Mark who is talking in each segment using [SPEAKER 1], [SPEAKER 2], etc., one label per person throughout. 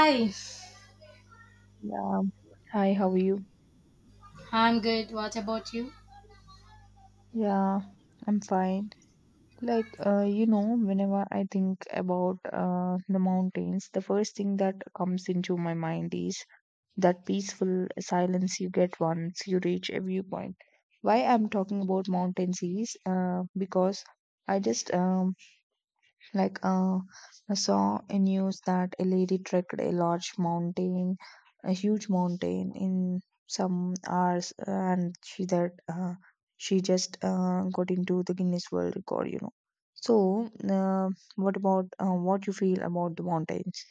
[SPEAKER 1] Hi,
[SPEAKER 2] Yeah. Hi, how are you?
[SPEAKER 1] I'm good. What about you?
[SPEAKER 2] Yeah, I'm fine. Whenever I think about the mountains, the first thing that comes into my mind is that peaceful silence you get once you reach a viewpoint. Why I'm talking about mountains is because I just um, Like, uh, I saw a news that a lady trekked a large mountain, a huge mountain, in some hours, and she just got into the Guinness World Record. You know. So, what about what you feel about the mountains?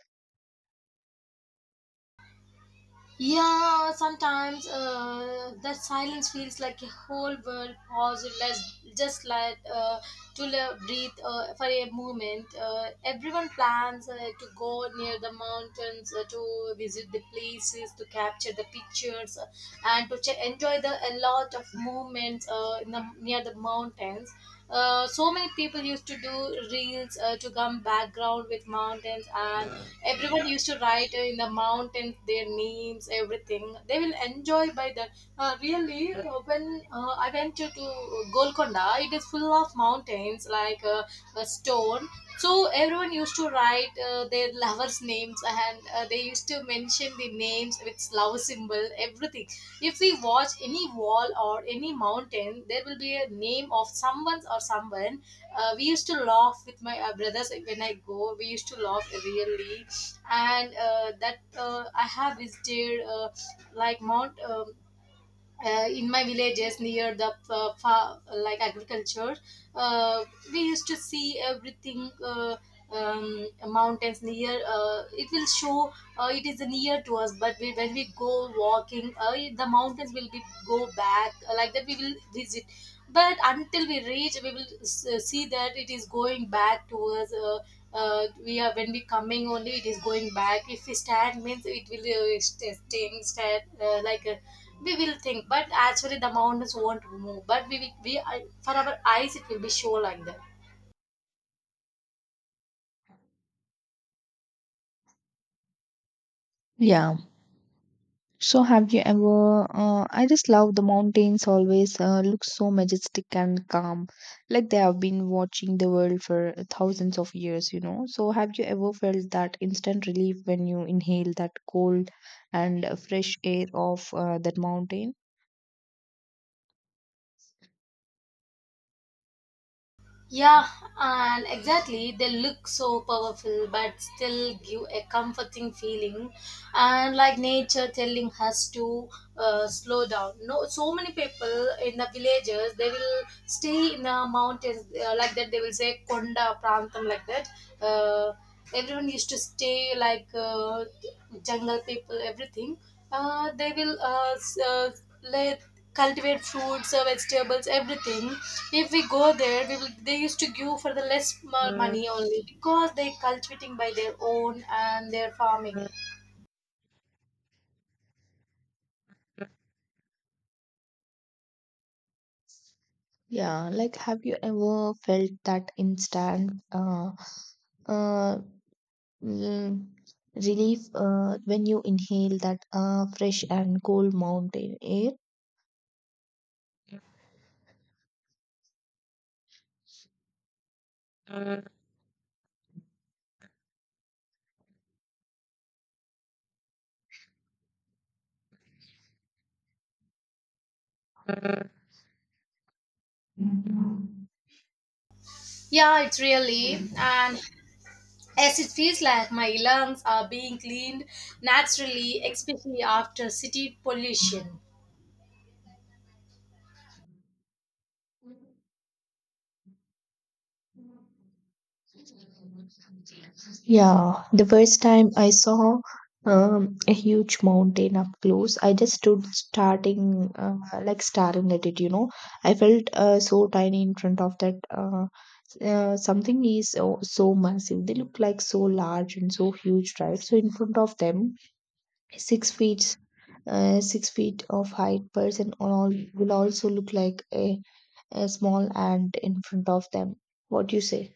[SPEAKER 1] Yeah, sometimes that silence feels like a whole world pause. Let's just let breathe for a moment. Everyone plans to go near the mountains to visit the places, to capture the pictures, and enjoy the a lot of movements in near the mountains. So many people used to do reels to come background with mountains, and everyone used to write in the mountains their names, everything. They will enjoy by that. When I went to Golconda, it is full of mountains like a stone. So everyone used to write their lovers' names, and they used to mention the names with love symbol, everything. If we watch any wall or any mountain, there will be a name of someone or someone. We used to laugh with my brothers when I go. We used to laugh really, and that I have visited like Mount. In my villages near the like agriculture uh, we used to see everything mountains near it will show it is near to us but we, when we go walking the mountains will be go back like that we will visit but until we reach we will see that it is going back to us we are when we coming only it is going back if we stand means it will staying stand we will think but actually the mountains won't move but we will we for our eyes it will be show like that.
[SPEAKER 2] Yeah. So have you ever I just love the mountains, always look so majestic and calm, like they have been watching the world for thousands of years, you know. So have you ever felt that instant relief when you inhale that cold and fresh air of that mountain?
[SPEAKER 1] Yeah, and exactly, they look so powerful but still give a comforting feeling, and like nature telling us to slow down. No, so many people in the villages they will stay in the mountains like that. They will say Konda Prantham like that. Uh, Everyone used to stay like jungle people, everything. They will let cultivate fruits vegetables everything if we go there we will, they used to give for the less money only because they cultivating by their own and their farming.
[SPEAKER 2] Yeah, like have you ever felt that instant uh, mm, relief when you inhale that fresh and cold mountain air?
[SPEAKER 1] Yeah, it's really, and as it feels like my lungs are being cleaned naturally, especially after city pollution.
[SPEAKER 2] Yeah, the first time I saw a huge mountain up close, I just stood starting like staring at it, you know. I felt so tiny in front of that. Something is so, so massive. They look like so large and so huge, right? So in front of them, 6 feet, 6 feet of height person all will also look like a small ant in front of them. What do you say?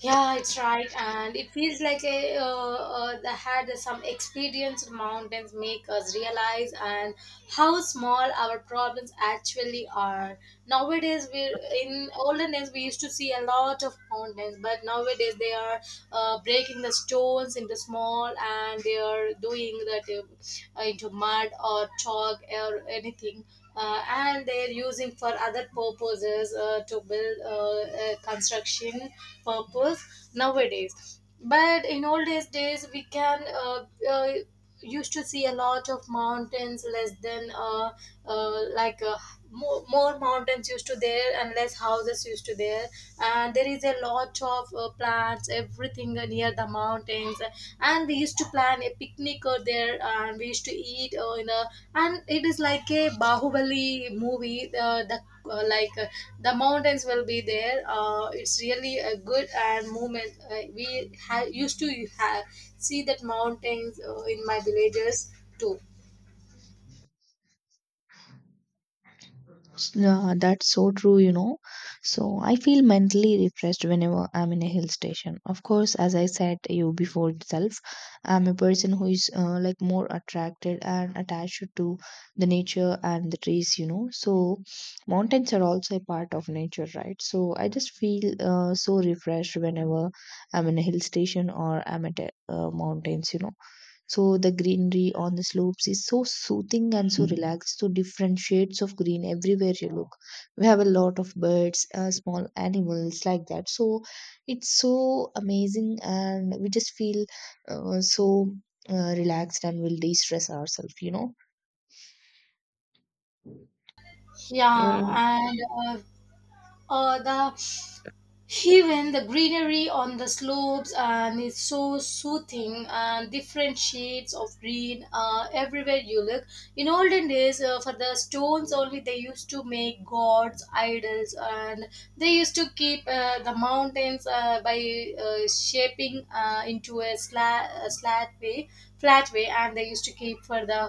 [SPEAKER 1] Yeah, it's right, and it feels like a the had some experience with mountains make us realize and how small our problems actually are. Nowadays, we In olden days we used to see a lot of mountains, but nowadays they are breaking the stones into small, and they are doing that into mud or chalk or anything, and they're using for other purposes to build a construction purpose nowadays, but in old days we can used to see a lot of mountains less than uh, like uh, more mountains used to there and less houses used to there, and there is a lot of plants everything near the mountains, and we used to plan a picnic over there, and we used to eat in a, and it is like a bahubali movie uh, like uh, the mountains will be there. It's really a good and movement we used to see that mountains in my villages too.
[SPEAKER 2] Yeah, that's so true, you know. So I feel mentally refreshed whenever I'm in a hill station. Of course, as I said you before itself, I'm a person who is like more attracted and attached to the nature and the trees, you know. So mountains are also a part of nature, right? So I just feel so refreshed whenever I'm in a hill station or I'm at a, mountains, you know. So the greenery on the slopes is so soothing and so relaxed. So different shades of green everywhere you look. We have a lot of birds, small animals like that. So it's so amazing, and we just feel so relaxed and will de-stress ourselves. You
[SPEAKER 1] yeah
[SPEAKER 2] know.
[SPEAKER 1] and uh, uh, the Even the greenery on the slopes and it's so soothing, and different shades of green everywhere you look. In olden days, for the stones only, they used to make gods, idols, and they used to keep the mountains by shaping a slat way, flat way, and they used to keep for the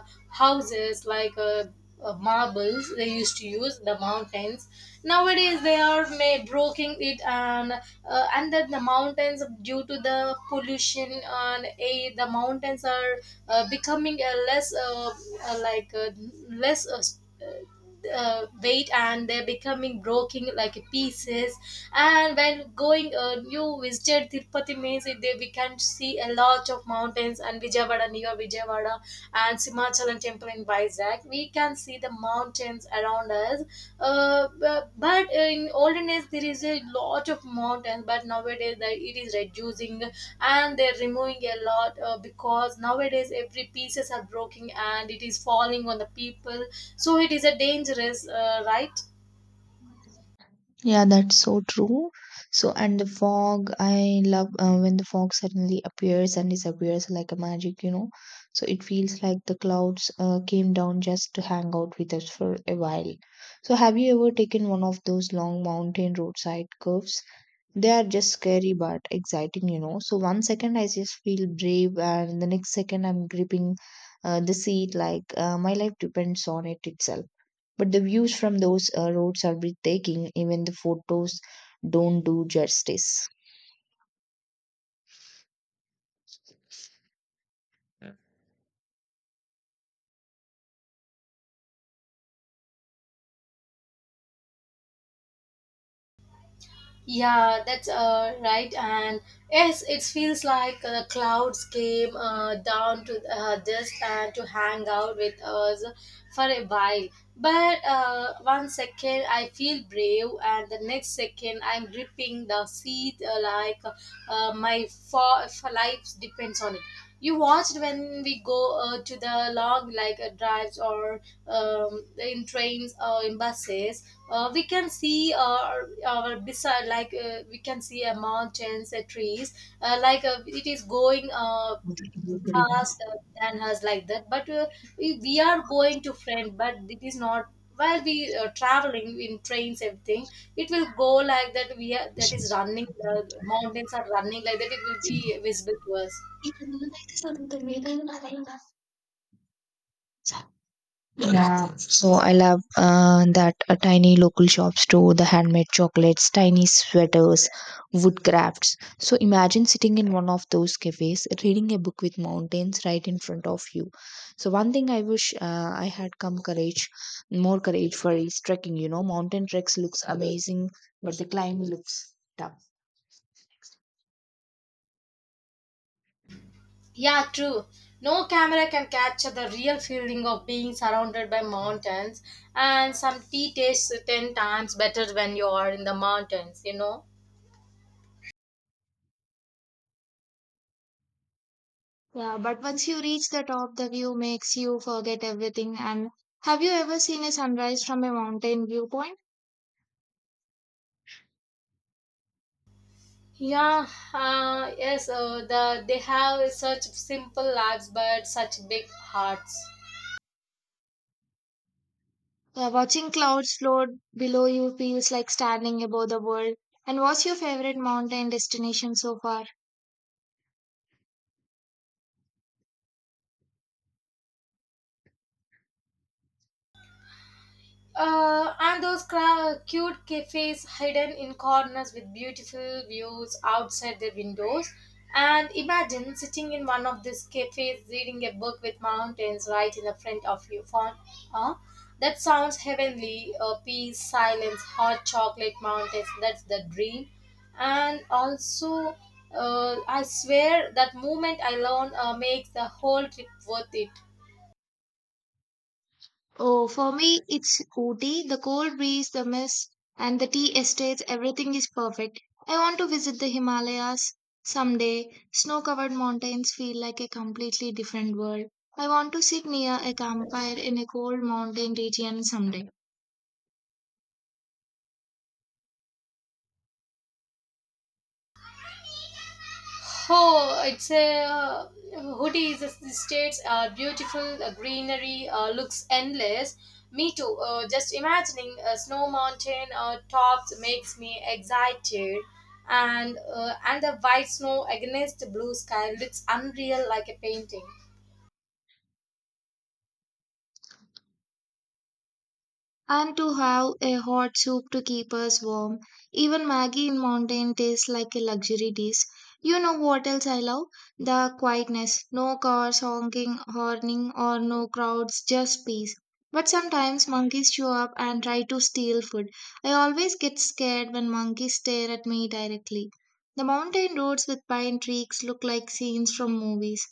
[SPEAKER 1] houses like. Marbles they used to use the mountains. Nowadays they are breaking it, and then the mountains, due to the pollution and a the mountains are becoming a less uh, like uh, less weight, and they're becoming broken like pieces. And when going you visited tirupati means they, we can see a lot of mountains, and vijayawada near vijayawada and simachalam temple in vizag, we can see the mountains around us as but in olden days there is a lot of mountains, but nowadays that it is reducing, and they're removing a lot because nowadays every pieces are broken and it is falling on the people, so it is a dangerous right.
[SPEAKER 2] Yeah, that's so true. So, and the fog, I love when the fog suddenly appears and disappears like a magic, you know. So, it feels like the clouds came down just to hang out with us for a while. So, have you ever taken one of those long mountain roadside curves? They are just scary but exciting, you know. So, one second I just feel brave, and the next second I'm gripping the seat like my life depends on it itself. But the views from those roads are breathtaking, even the photos don't do justice.
[SPEAKER 1] Yeah, that's right. And yes, it feels like the clouds came down to this and to hang out with us for a while. But one second I feel brave, and the next second I'm gripping the seat uh, my fo- life depends on it. You watched when we go to the long like drives or in trains or in buses, we can see our beside like we can see a mountains a trees it is going fast than us like that, but we are going to friend, but it is not while we traveling in trains everything, it will go like that. We are that is running, the mountains are running like that, it will be visible to us.
[SPEAKER 2] Yeah, so I love that tiny local shops too, the handmade chocolates, tiny sweaters, wood crafts. So imagine sitting in one of those cafes, reading a book with mountains right in front of you. So one thing I wish I had come courage, more courage for, is trekking. You know, mountain treks looks amazing, but the climb looks tough.
[SPEAKER 1] Yeah, true. No camera can capture the real feeling of being surrounded by mountains, and some tea tastes 10 times better when you are in the mountains, you know.
[SPEAKER 2] Yeah, but once you reach the top, the view makes you forget everything. And have you ever seen a sunrise from a mountain viewpoint?
[SPEAKER 1] Yeah, yes, they have such simple lives but such big hearts.
[SPEAKER 2] Yeah, watching clouds float below you feels like standing above the world. And what's your favorite mountain destination so far?
[SPEAKER 1] And those cute cafes hidden in corners with beautiful views outside their windows. And imagine sitting in one of these cafes reading a book with mountains right in the front of you. Huh? That sounds heavenly. Peace, silence, hot chocolate mountains. That's the dream. And also, I swear that moment alone makes the whole trip worth it.
[SPEAKER 2] Oh, for me, it's Ooty. The cold breeze, the mist, and the tea estates, everything is perfect. I want to visit the Himalayas someday. Snow covered mountains feel like a completely different world. I want to sit near a campfire in a cold mountain region someday.
[SPEAKER 1] Oh, it's a hoodie. Is the states are beautiful, greenery looks endless. Me too. Just imagining a snow mountain tops makes me excited, and the white snow against the blue sky looks unreal, like a painting.
[SPEAKER 2] And to have a hot soup to keep us warm. Even Maggie in mountain tastes like a luxury dish. You know what else I love? The quietness. No cars honking, horning, or no crowds, just peace. But sometimes monkeys show up and try to steal food. I always get scared when monkeys stare at me directly. The mountain roads with pine trees look like scenes from movies.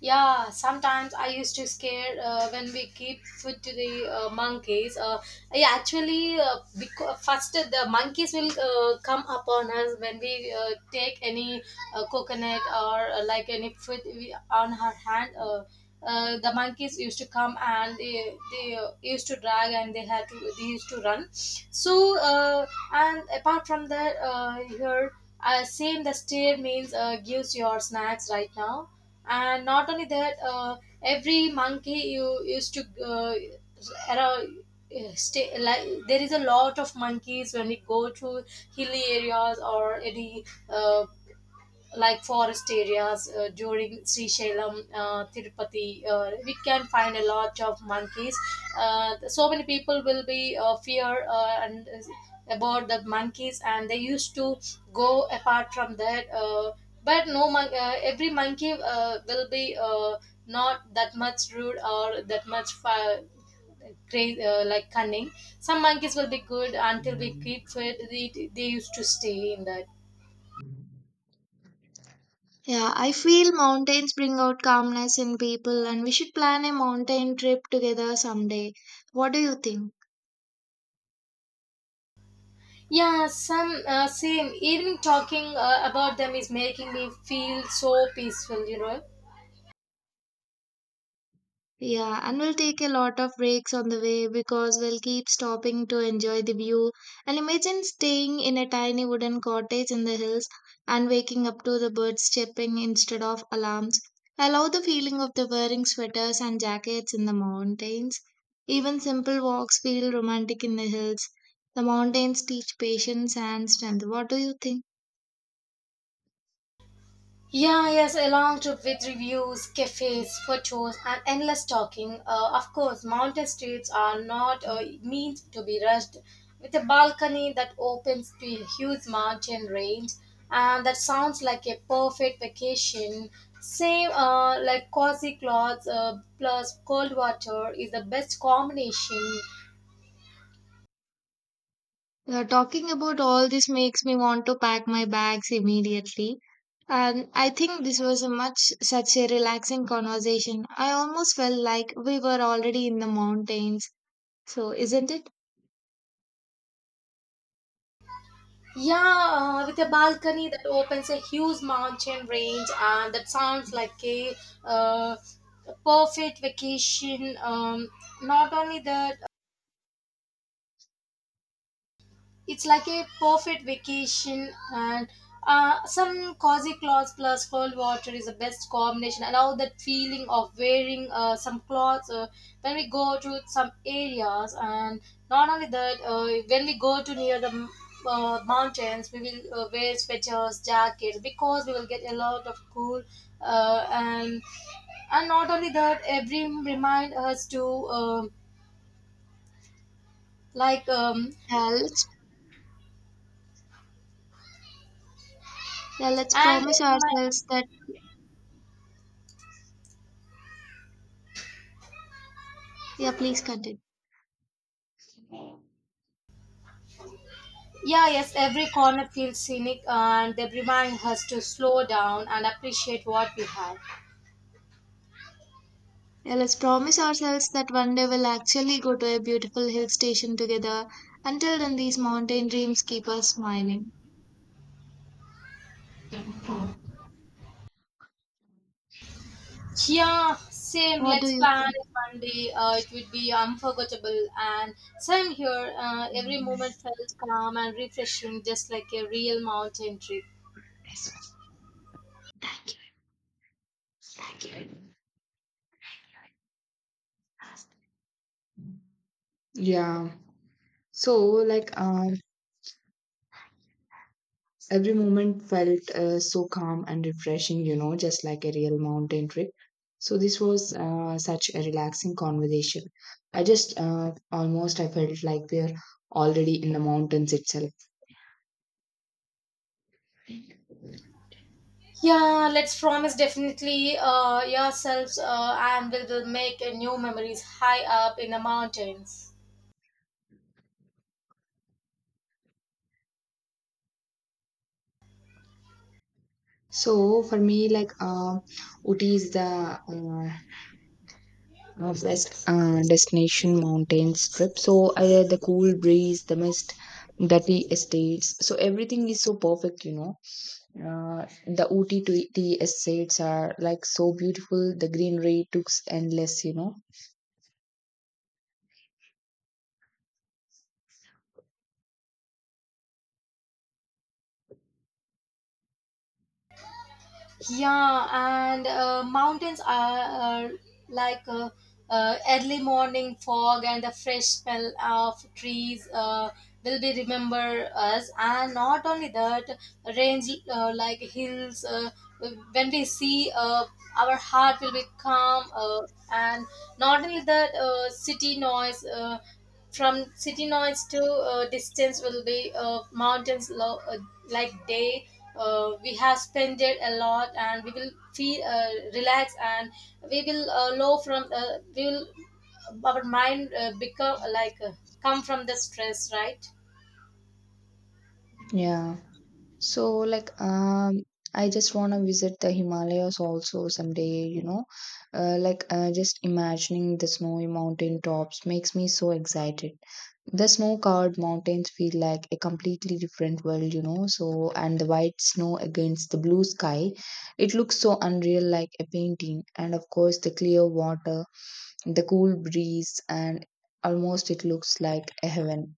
[SPEAKER 1] Yeah, sometimes I used to scare when we keep food to the monkeys. Yeah, actually, because first the monkeys will come upon us when we take any coconut or like any food we, on her hand. The monkeys used to come and they used to drag and they had to they used to run so and apart from that here same the steer means gives your snacks right now, and not only that every monkey you used to around stay like there is a lot of monkeys when we go to hilly areas or any uh, like forest areas during Srisailam, Tirupati, we can find a lot of monkeys. So many people will be fear and about the monkeys, and they used to go apart from that. But no, every monkey will be not that much rude or that much crazy, like cunning. Some monkeys will be good until we keep it. They used to stay in that.
[SPEAKER 2] Yeah, I feel mountains bring out calmness in people, and we should plan a mountain trip together someday. What do you think?
[SPEAKER 1] Yeah, some same. Even talking about them is making me feel so peaceful, you know.
[SPEAKER 2] Yeah, and we'll take a lot of breaks on the way because we'll keep stopping to enjoy the view. And imagine staying in a tiny wooden cottage in the hills and waking up to the birds chirping instead of alarms. I love the feeling of the wearing sweaters and jackets in the mountains. Even simple walks feel romantic in the hills. The mountains teach patience and strength. What do you think?
[SPEAKER 1] Yeah, yes, a long trip with reviews, cafes, photos, and endless talking. Of course, mountain streets are not meant to be rushed. With a balcony that opens to a huge mountain range, and that sounds like a perfect vacation. Same like cozy clothes plus cold water is the best combination.
[SPEAKER 2] Yeah, talking about all this makes me want to pack my bags immediately. And I think this was a much such a relaxing conversation. I almost felt like we were already in the mountains. So isn't it?
[SPEAKER 1] Yeah, with a balcony that opens a huge mountain range, and that sounds like uh, a perfect vacation. Not only that, it's like a perfect vacation, and some cozy clothes plus cold water is the best combination. And all that feeling of wearing some clothes when we go to some areas, and not only that, when we go to near the mountains, we will wear sweaters, jackets, because we will get a lot of cool. Uh, and and not only that, every remind us to like
[SPEAKER 2] Yeah, let's yeah, let's
[SPEAKER 1] and
[SPEAKER 2] promise ourselves that yeah, please continue.
[SPEAKER 1] yeah, yes, every corner feels scenic, and they remind us to slow down and appreciate what we have.
[SPEAKER 2] Yeah, let's promise ourselves that one day we'll actually go to a beautiful hill station together. Until then, these mountain dreams keep us smiling.
[SPEAKER 1] Yeah, same.
[SPEAKER 2] What do
[SPEAKER 1] Let's
[SPEAKER 2] you
[SPEAKER 1] plan
[SPEAKER 2] think?
[SPEAKER 1] it one day. It would be unforgettable. And same here. Every moment felt calm and refreshing, just like a real mountain trip.
[SPEAKER 2] Yeah. So, like, um, every moment felt so calm and refreshing, you know, just like a real mountain trip. So this was such a relaxing conversation. I just almost I felt like we're already in the mountains itself.
[SPEAKER 1] Yeah, let's promise definitely yourselves and we will make new memories high up in the mountains.
[SPEAKER 2] So for me, like Ooty is the best destination mountains trip. So the cool breeze, the mist, dirty estates. So everything is so perfect, you know. The Uti to the estates are like so beautiful. The greenery looks endless, you know.
[SPEAKER 1] Yeah, and mountains are like uh, early morning fog and the fresh smell of trees will be remember us. And not only that, range like hills. When we see, our heart will be calm. And not only that, city noise. From city noise to distance will be like day. We have spent it a lot and we will feel relaxed, and we will low from we will our mind become like come from the stress, right?
[SPEAKER 2] Yeah. So, like I just want to visit the Himalayas also someday, you know. Just imagining the snowy mountain tops makes me so excited. The snow-covered mountains feel like a completely different world, you know. So and the white snow against the blue sky, it looks so unreal, like a painting. And of course the clear water, the cool breeze, and almost it looks like a heaven.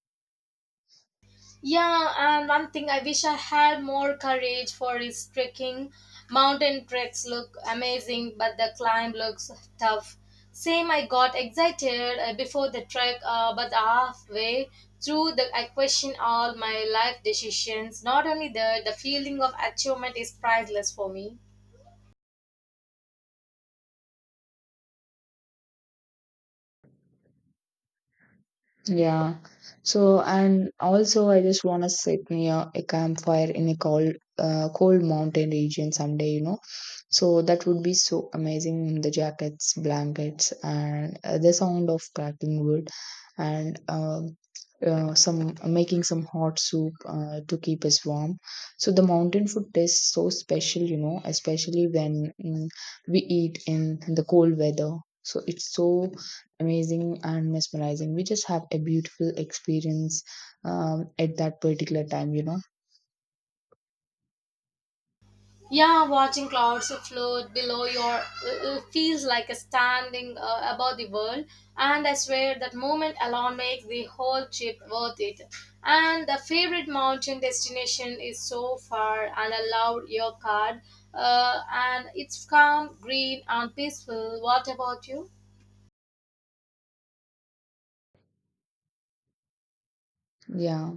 [SPEAKER 1] Yeah, and one thing I wish I had more courage for is trekking. Mountain treks look amazing, but the climb looks tough. Same, I got excited before the trek, but halfway through, I question all my life decisions. Not only that, the feeling of achievement is priceless for me.
[SPEAKER 2] Yeah. So, and also, I just want to sit near a campfire in a cold, cold mountain region someday, you know. So, that would be so amazing. The jackets, blankets, and the sound of cracking wood, and some, making some hot soup to keep us warm. So, the mountain food tastes so special, you know, especially when we eat in the cold weather. So, it's so amazing and mesmerizing. We just have a beautiful experience at that particular time, you know.
[SPEAKER 1] Yeah, watching clouds float below your feels like a standing above the world, and I swear that moment alone makes the whole trip worth it. And the favorite mountain destination is so far, and I love your card. And it's calm, green, and peaceful. What about you?
[SPEAKER 2] Yeah.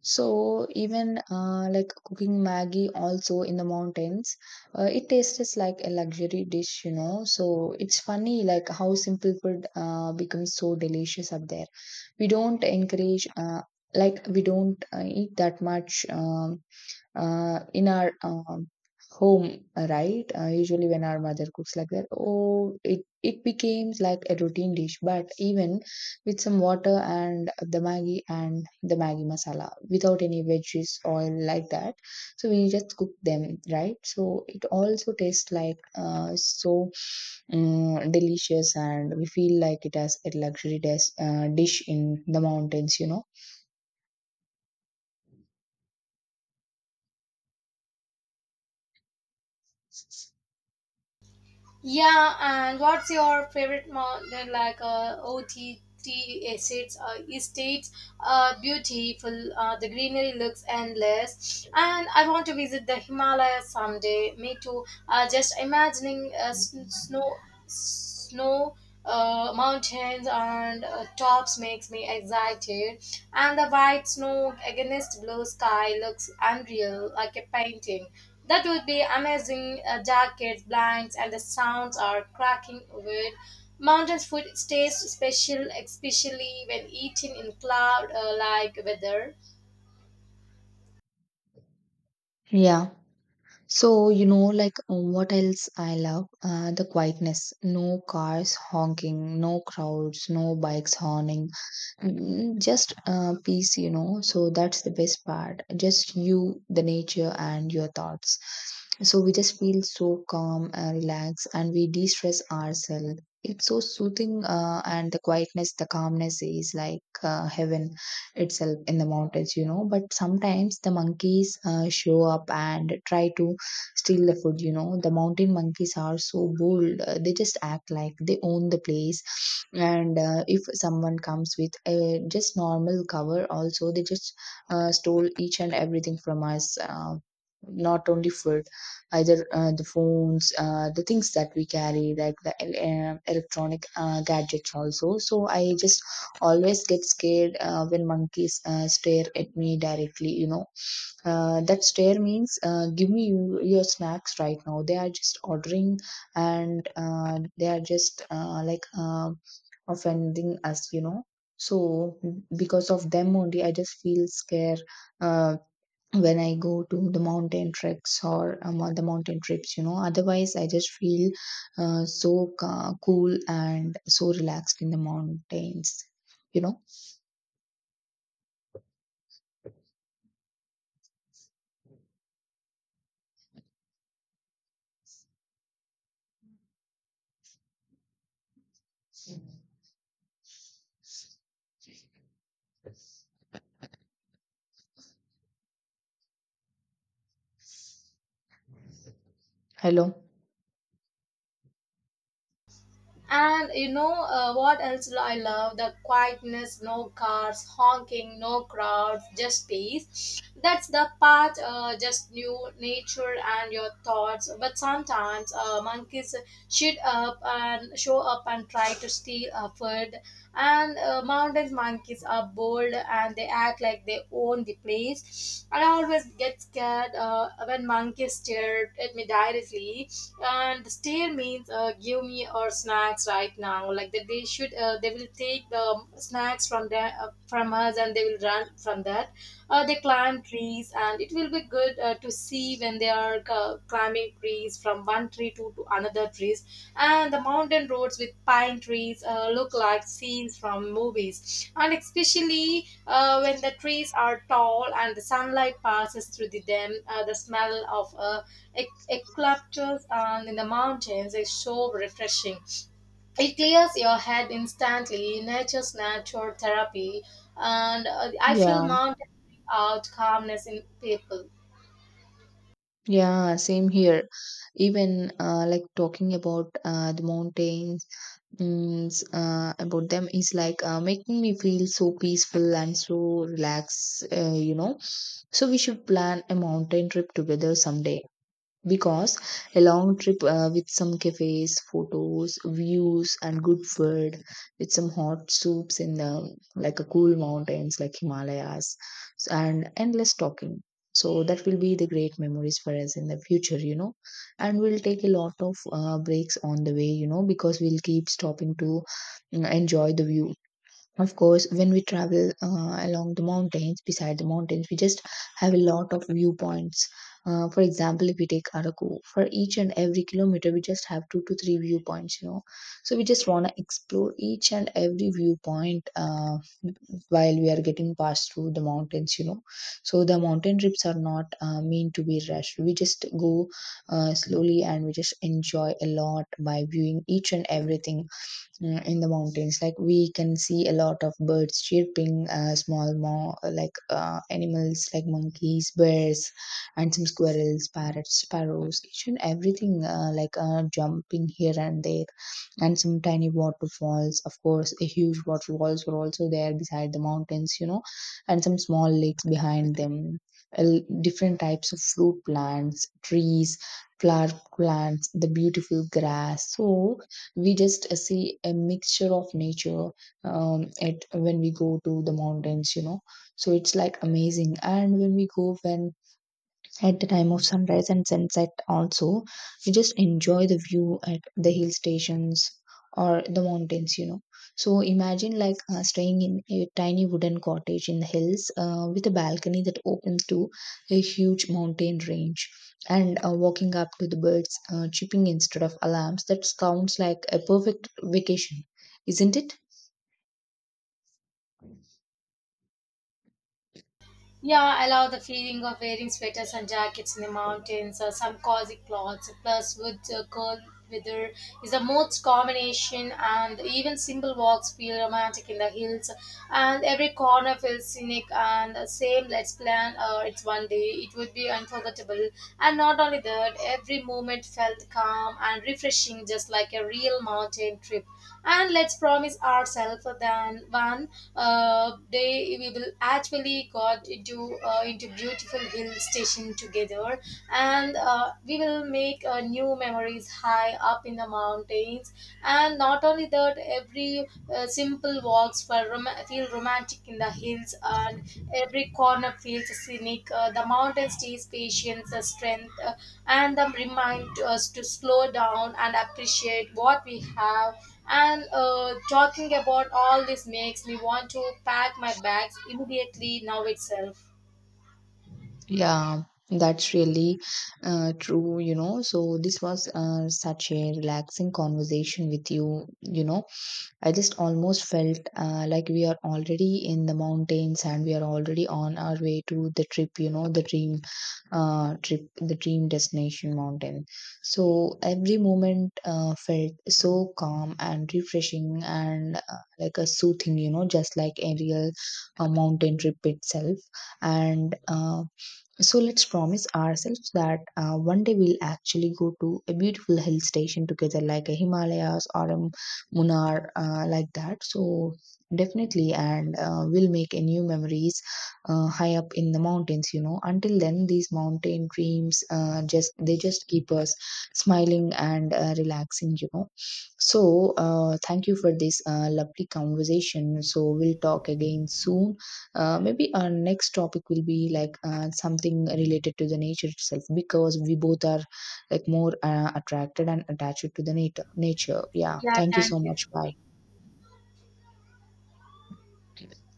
[SPEAKER 2] So even like cooking Maggie also in the mountains, it tastes like a luxury dish, you know. So it's funny like how simple food becomes so delicious up there. We don't encourage like we don't eat that much. In our home, right? Usually, when our mother cooks like that, oh, it becomes like a routine dish. But even with some water and the Maggi masala, without any veggies, oil like that, so we just cook them, right? So it also tastes like so delicious, and we feel like it has a luxury dish in the mountains, you know?
[SPEAKER 1] Yeah, and what's your favorite mountain? Estates, beautiful, the greenery looks endless, and I want to visit the Himalayas someday. Me too. Just imagining snow, mountains and tops makes me excited, and the white snow against blue sky looks unreal, like a painting. That would be amazing. Jackets, blinds, and the sounds are cracking wood. Mountain food tastes special, especially when eaten in cloud like weather.
[SPEAKER 2] Yeah. So, you know, like what else I love? The quietness. No cars honking, no crowds, no bikes honking. Just peace, you know. So that's the best part. Just you, the nature, and your thoughts. So we just feel so calm and relaxed, and we de stress ourselves. It's so soothing, and the quietness, the calmness is like heaven itself in the mountains, you know. But sometimes the monkeys show up and try to steal the food, you know. The mountain monkeys are so bold, they just act like they own the place, and if someone comes with a just normal cover also, they just stole each and everything from us, not only food, either the phones, the things that we carry like the electronic gadgets also. So I just always get scared when monkeys stare at me directly, you know. That stare means, give me you, your snacks right now. They are just ordering, and they are just like offending us, you know. So, because of them only, I just feel scared uh, when I go to the mountain treks or the mountain trips, you know. Otherwise, I just feel so cool and so relaxed in the mountains, you know. Hello.
[SPEAKER 1] And you know what else I love? The quietness, no cars, honking, no crowds, just peace. That's the part, just you, nature, and your thoughts. But sometimes monkeys shoot up and show up and try to steal our food. And mountain monkeys are bold and they act like they own the place. I always get scared when monkeys stare at me directly, and stare means, give me our snacks right now. Like that, they will take the snacks from the from us, and they will run from that. They climb trees and it will be good to see when they are climbing trees from one tree to another trees. And the mountain roads with pine trees look like scenes from movies, and especially when the trees are tall and the sunlight passes through them. Uh, the smell of eucalyptus and in the mountains is so refreshing. It clears your head instantly. Nature's natural therapy. And I feel
[SPEAKER 2] Yeah.
[SPEAKER 1] mountain bring out calmness in people.
[SPEAKER 2] Yeah, same here. Even like talking about the mountains, about them is like making me feel so peaceful and so relaxed, you know. So we should plan a mountain trip together someday because a long trip with some cafes, photos, views, and good food, with some hot soups in the like a cool mountains like Himalayas, and endless talking. So that will be the great memories for us in the future, you know. And we'll take a lot of breaks on the way, you know, because we'll keep stopping to enjoy the view. Of course, when we travel along the mountains, beside the mountains, we just have a lot of viewpoints. For example, if we take Araku, for each and every kilometer, we just have two to three viewpoints, you know. So we just want to explore each and every viewpoint while we are getting passed through the mountains, you know. So the mountain trips are not meant to be rushed. We just go slowly and we just enjoy a lot by viewing each and everything in the mountains, like we can see a lot of birds chirping, small animals like monkeys, bears, and some squirrels, parrots, sparrows, each and everything jumping here and there, and some tiny waterfalls, of course a huge waterfalls were also there beside the mountains, you know, and some small lakes behind them. Different types of fruit plants, trees, flower plants, the beautiful grass. So we just see a mixture of nature, at when we go to the mountains, you know. So it's like amazing, and when we go, when at the time of sunrise and sunset also, you just enjoy the view at the hill stations or the mountains, you know. So imagine like staying in a tiny wooden cottage in the hills with a balcony that opens to a huge mountain range, and walking up to the birds chirping instead of alarms. That sounds like a perfect vacation, isn't it?
[SPEAKER 1] Yeah, I love the feeling of wearing sweaters and jackets in the mountains or some cozy clothes. Plus, with cold weather is the most combination, and even simple walks feel romantic in the hills. And every corner feels scenic. And the same, let's plan. It's one day. It would be unforgettable. And not only that, every moment climate felt calm and refreshing, just like a real mountain trip. And let's promise ourselves that one day we will actually got into beautiful hill station together, and we will make new memories high up in the mountains. And not only that, every simple walks feel romantic in the hills, and every corner feels scenic. The mountains teach patience, strength, and remind us to slow down and appreciate what we have. And talking about all this makes me want to pack my bags immediately now itself.
[SPEAKER 2] Yeah, that's really true, you know. So, this was such a relaxing conversation with you, you know. I just almost felt like we are already in the mountains, and we are already on our way to the trip, you know, the dream trip, the dream destination mountain. So, every moment felt so calm and refreshing and like a soothing, you know, just like a real mountain trip itself. And so let's promise ourselves that one day we'll actually go to a beautiful hill station together, like a Himalayas or a Munnar, like that. So definitely, and we'll make a new memories high up in the mountains. You know, until then, these mountain dreams just they just keep us smiling and relaxing. You know, so thank you for this lovely conversation. So we'll talk again soon, maybe our next topic will be like something related to the nature itself, because we both are like more attracted and attached to the nature. Yeah,
[SPEAKER 1] Yeah,
[SPEAKER 2] thank you so
[SPEAKER 1] thank you.
[SPEAKER 2] much. Bye.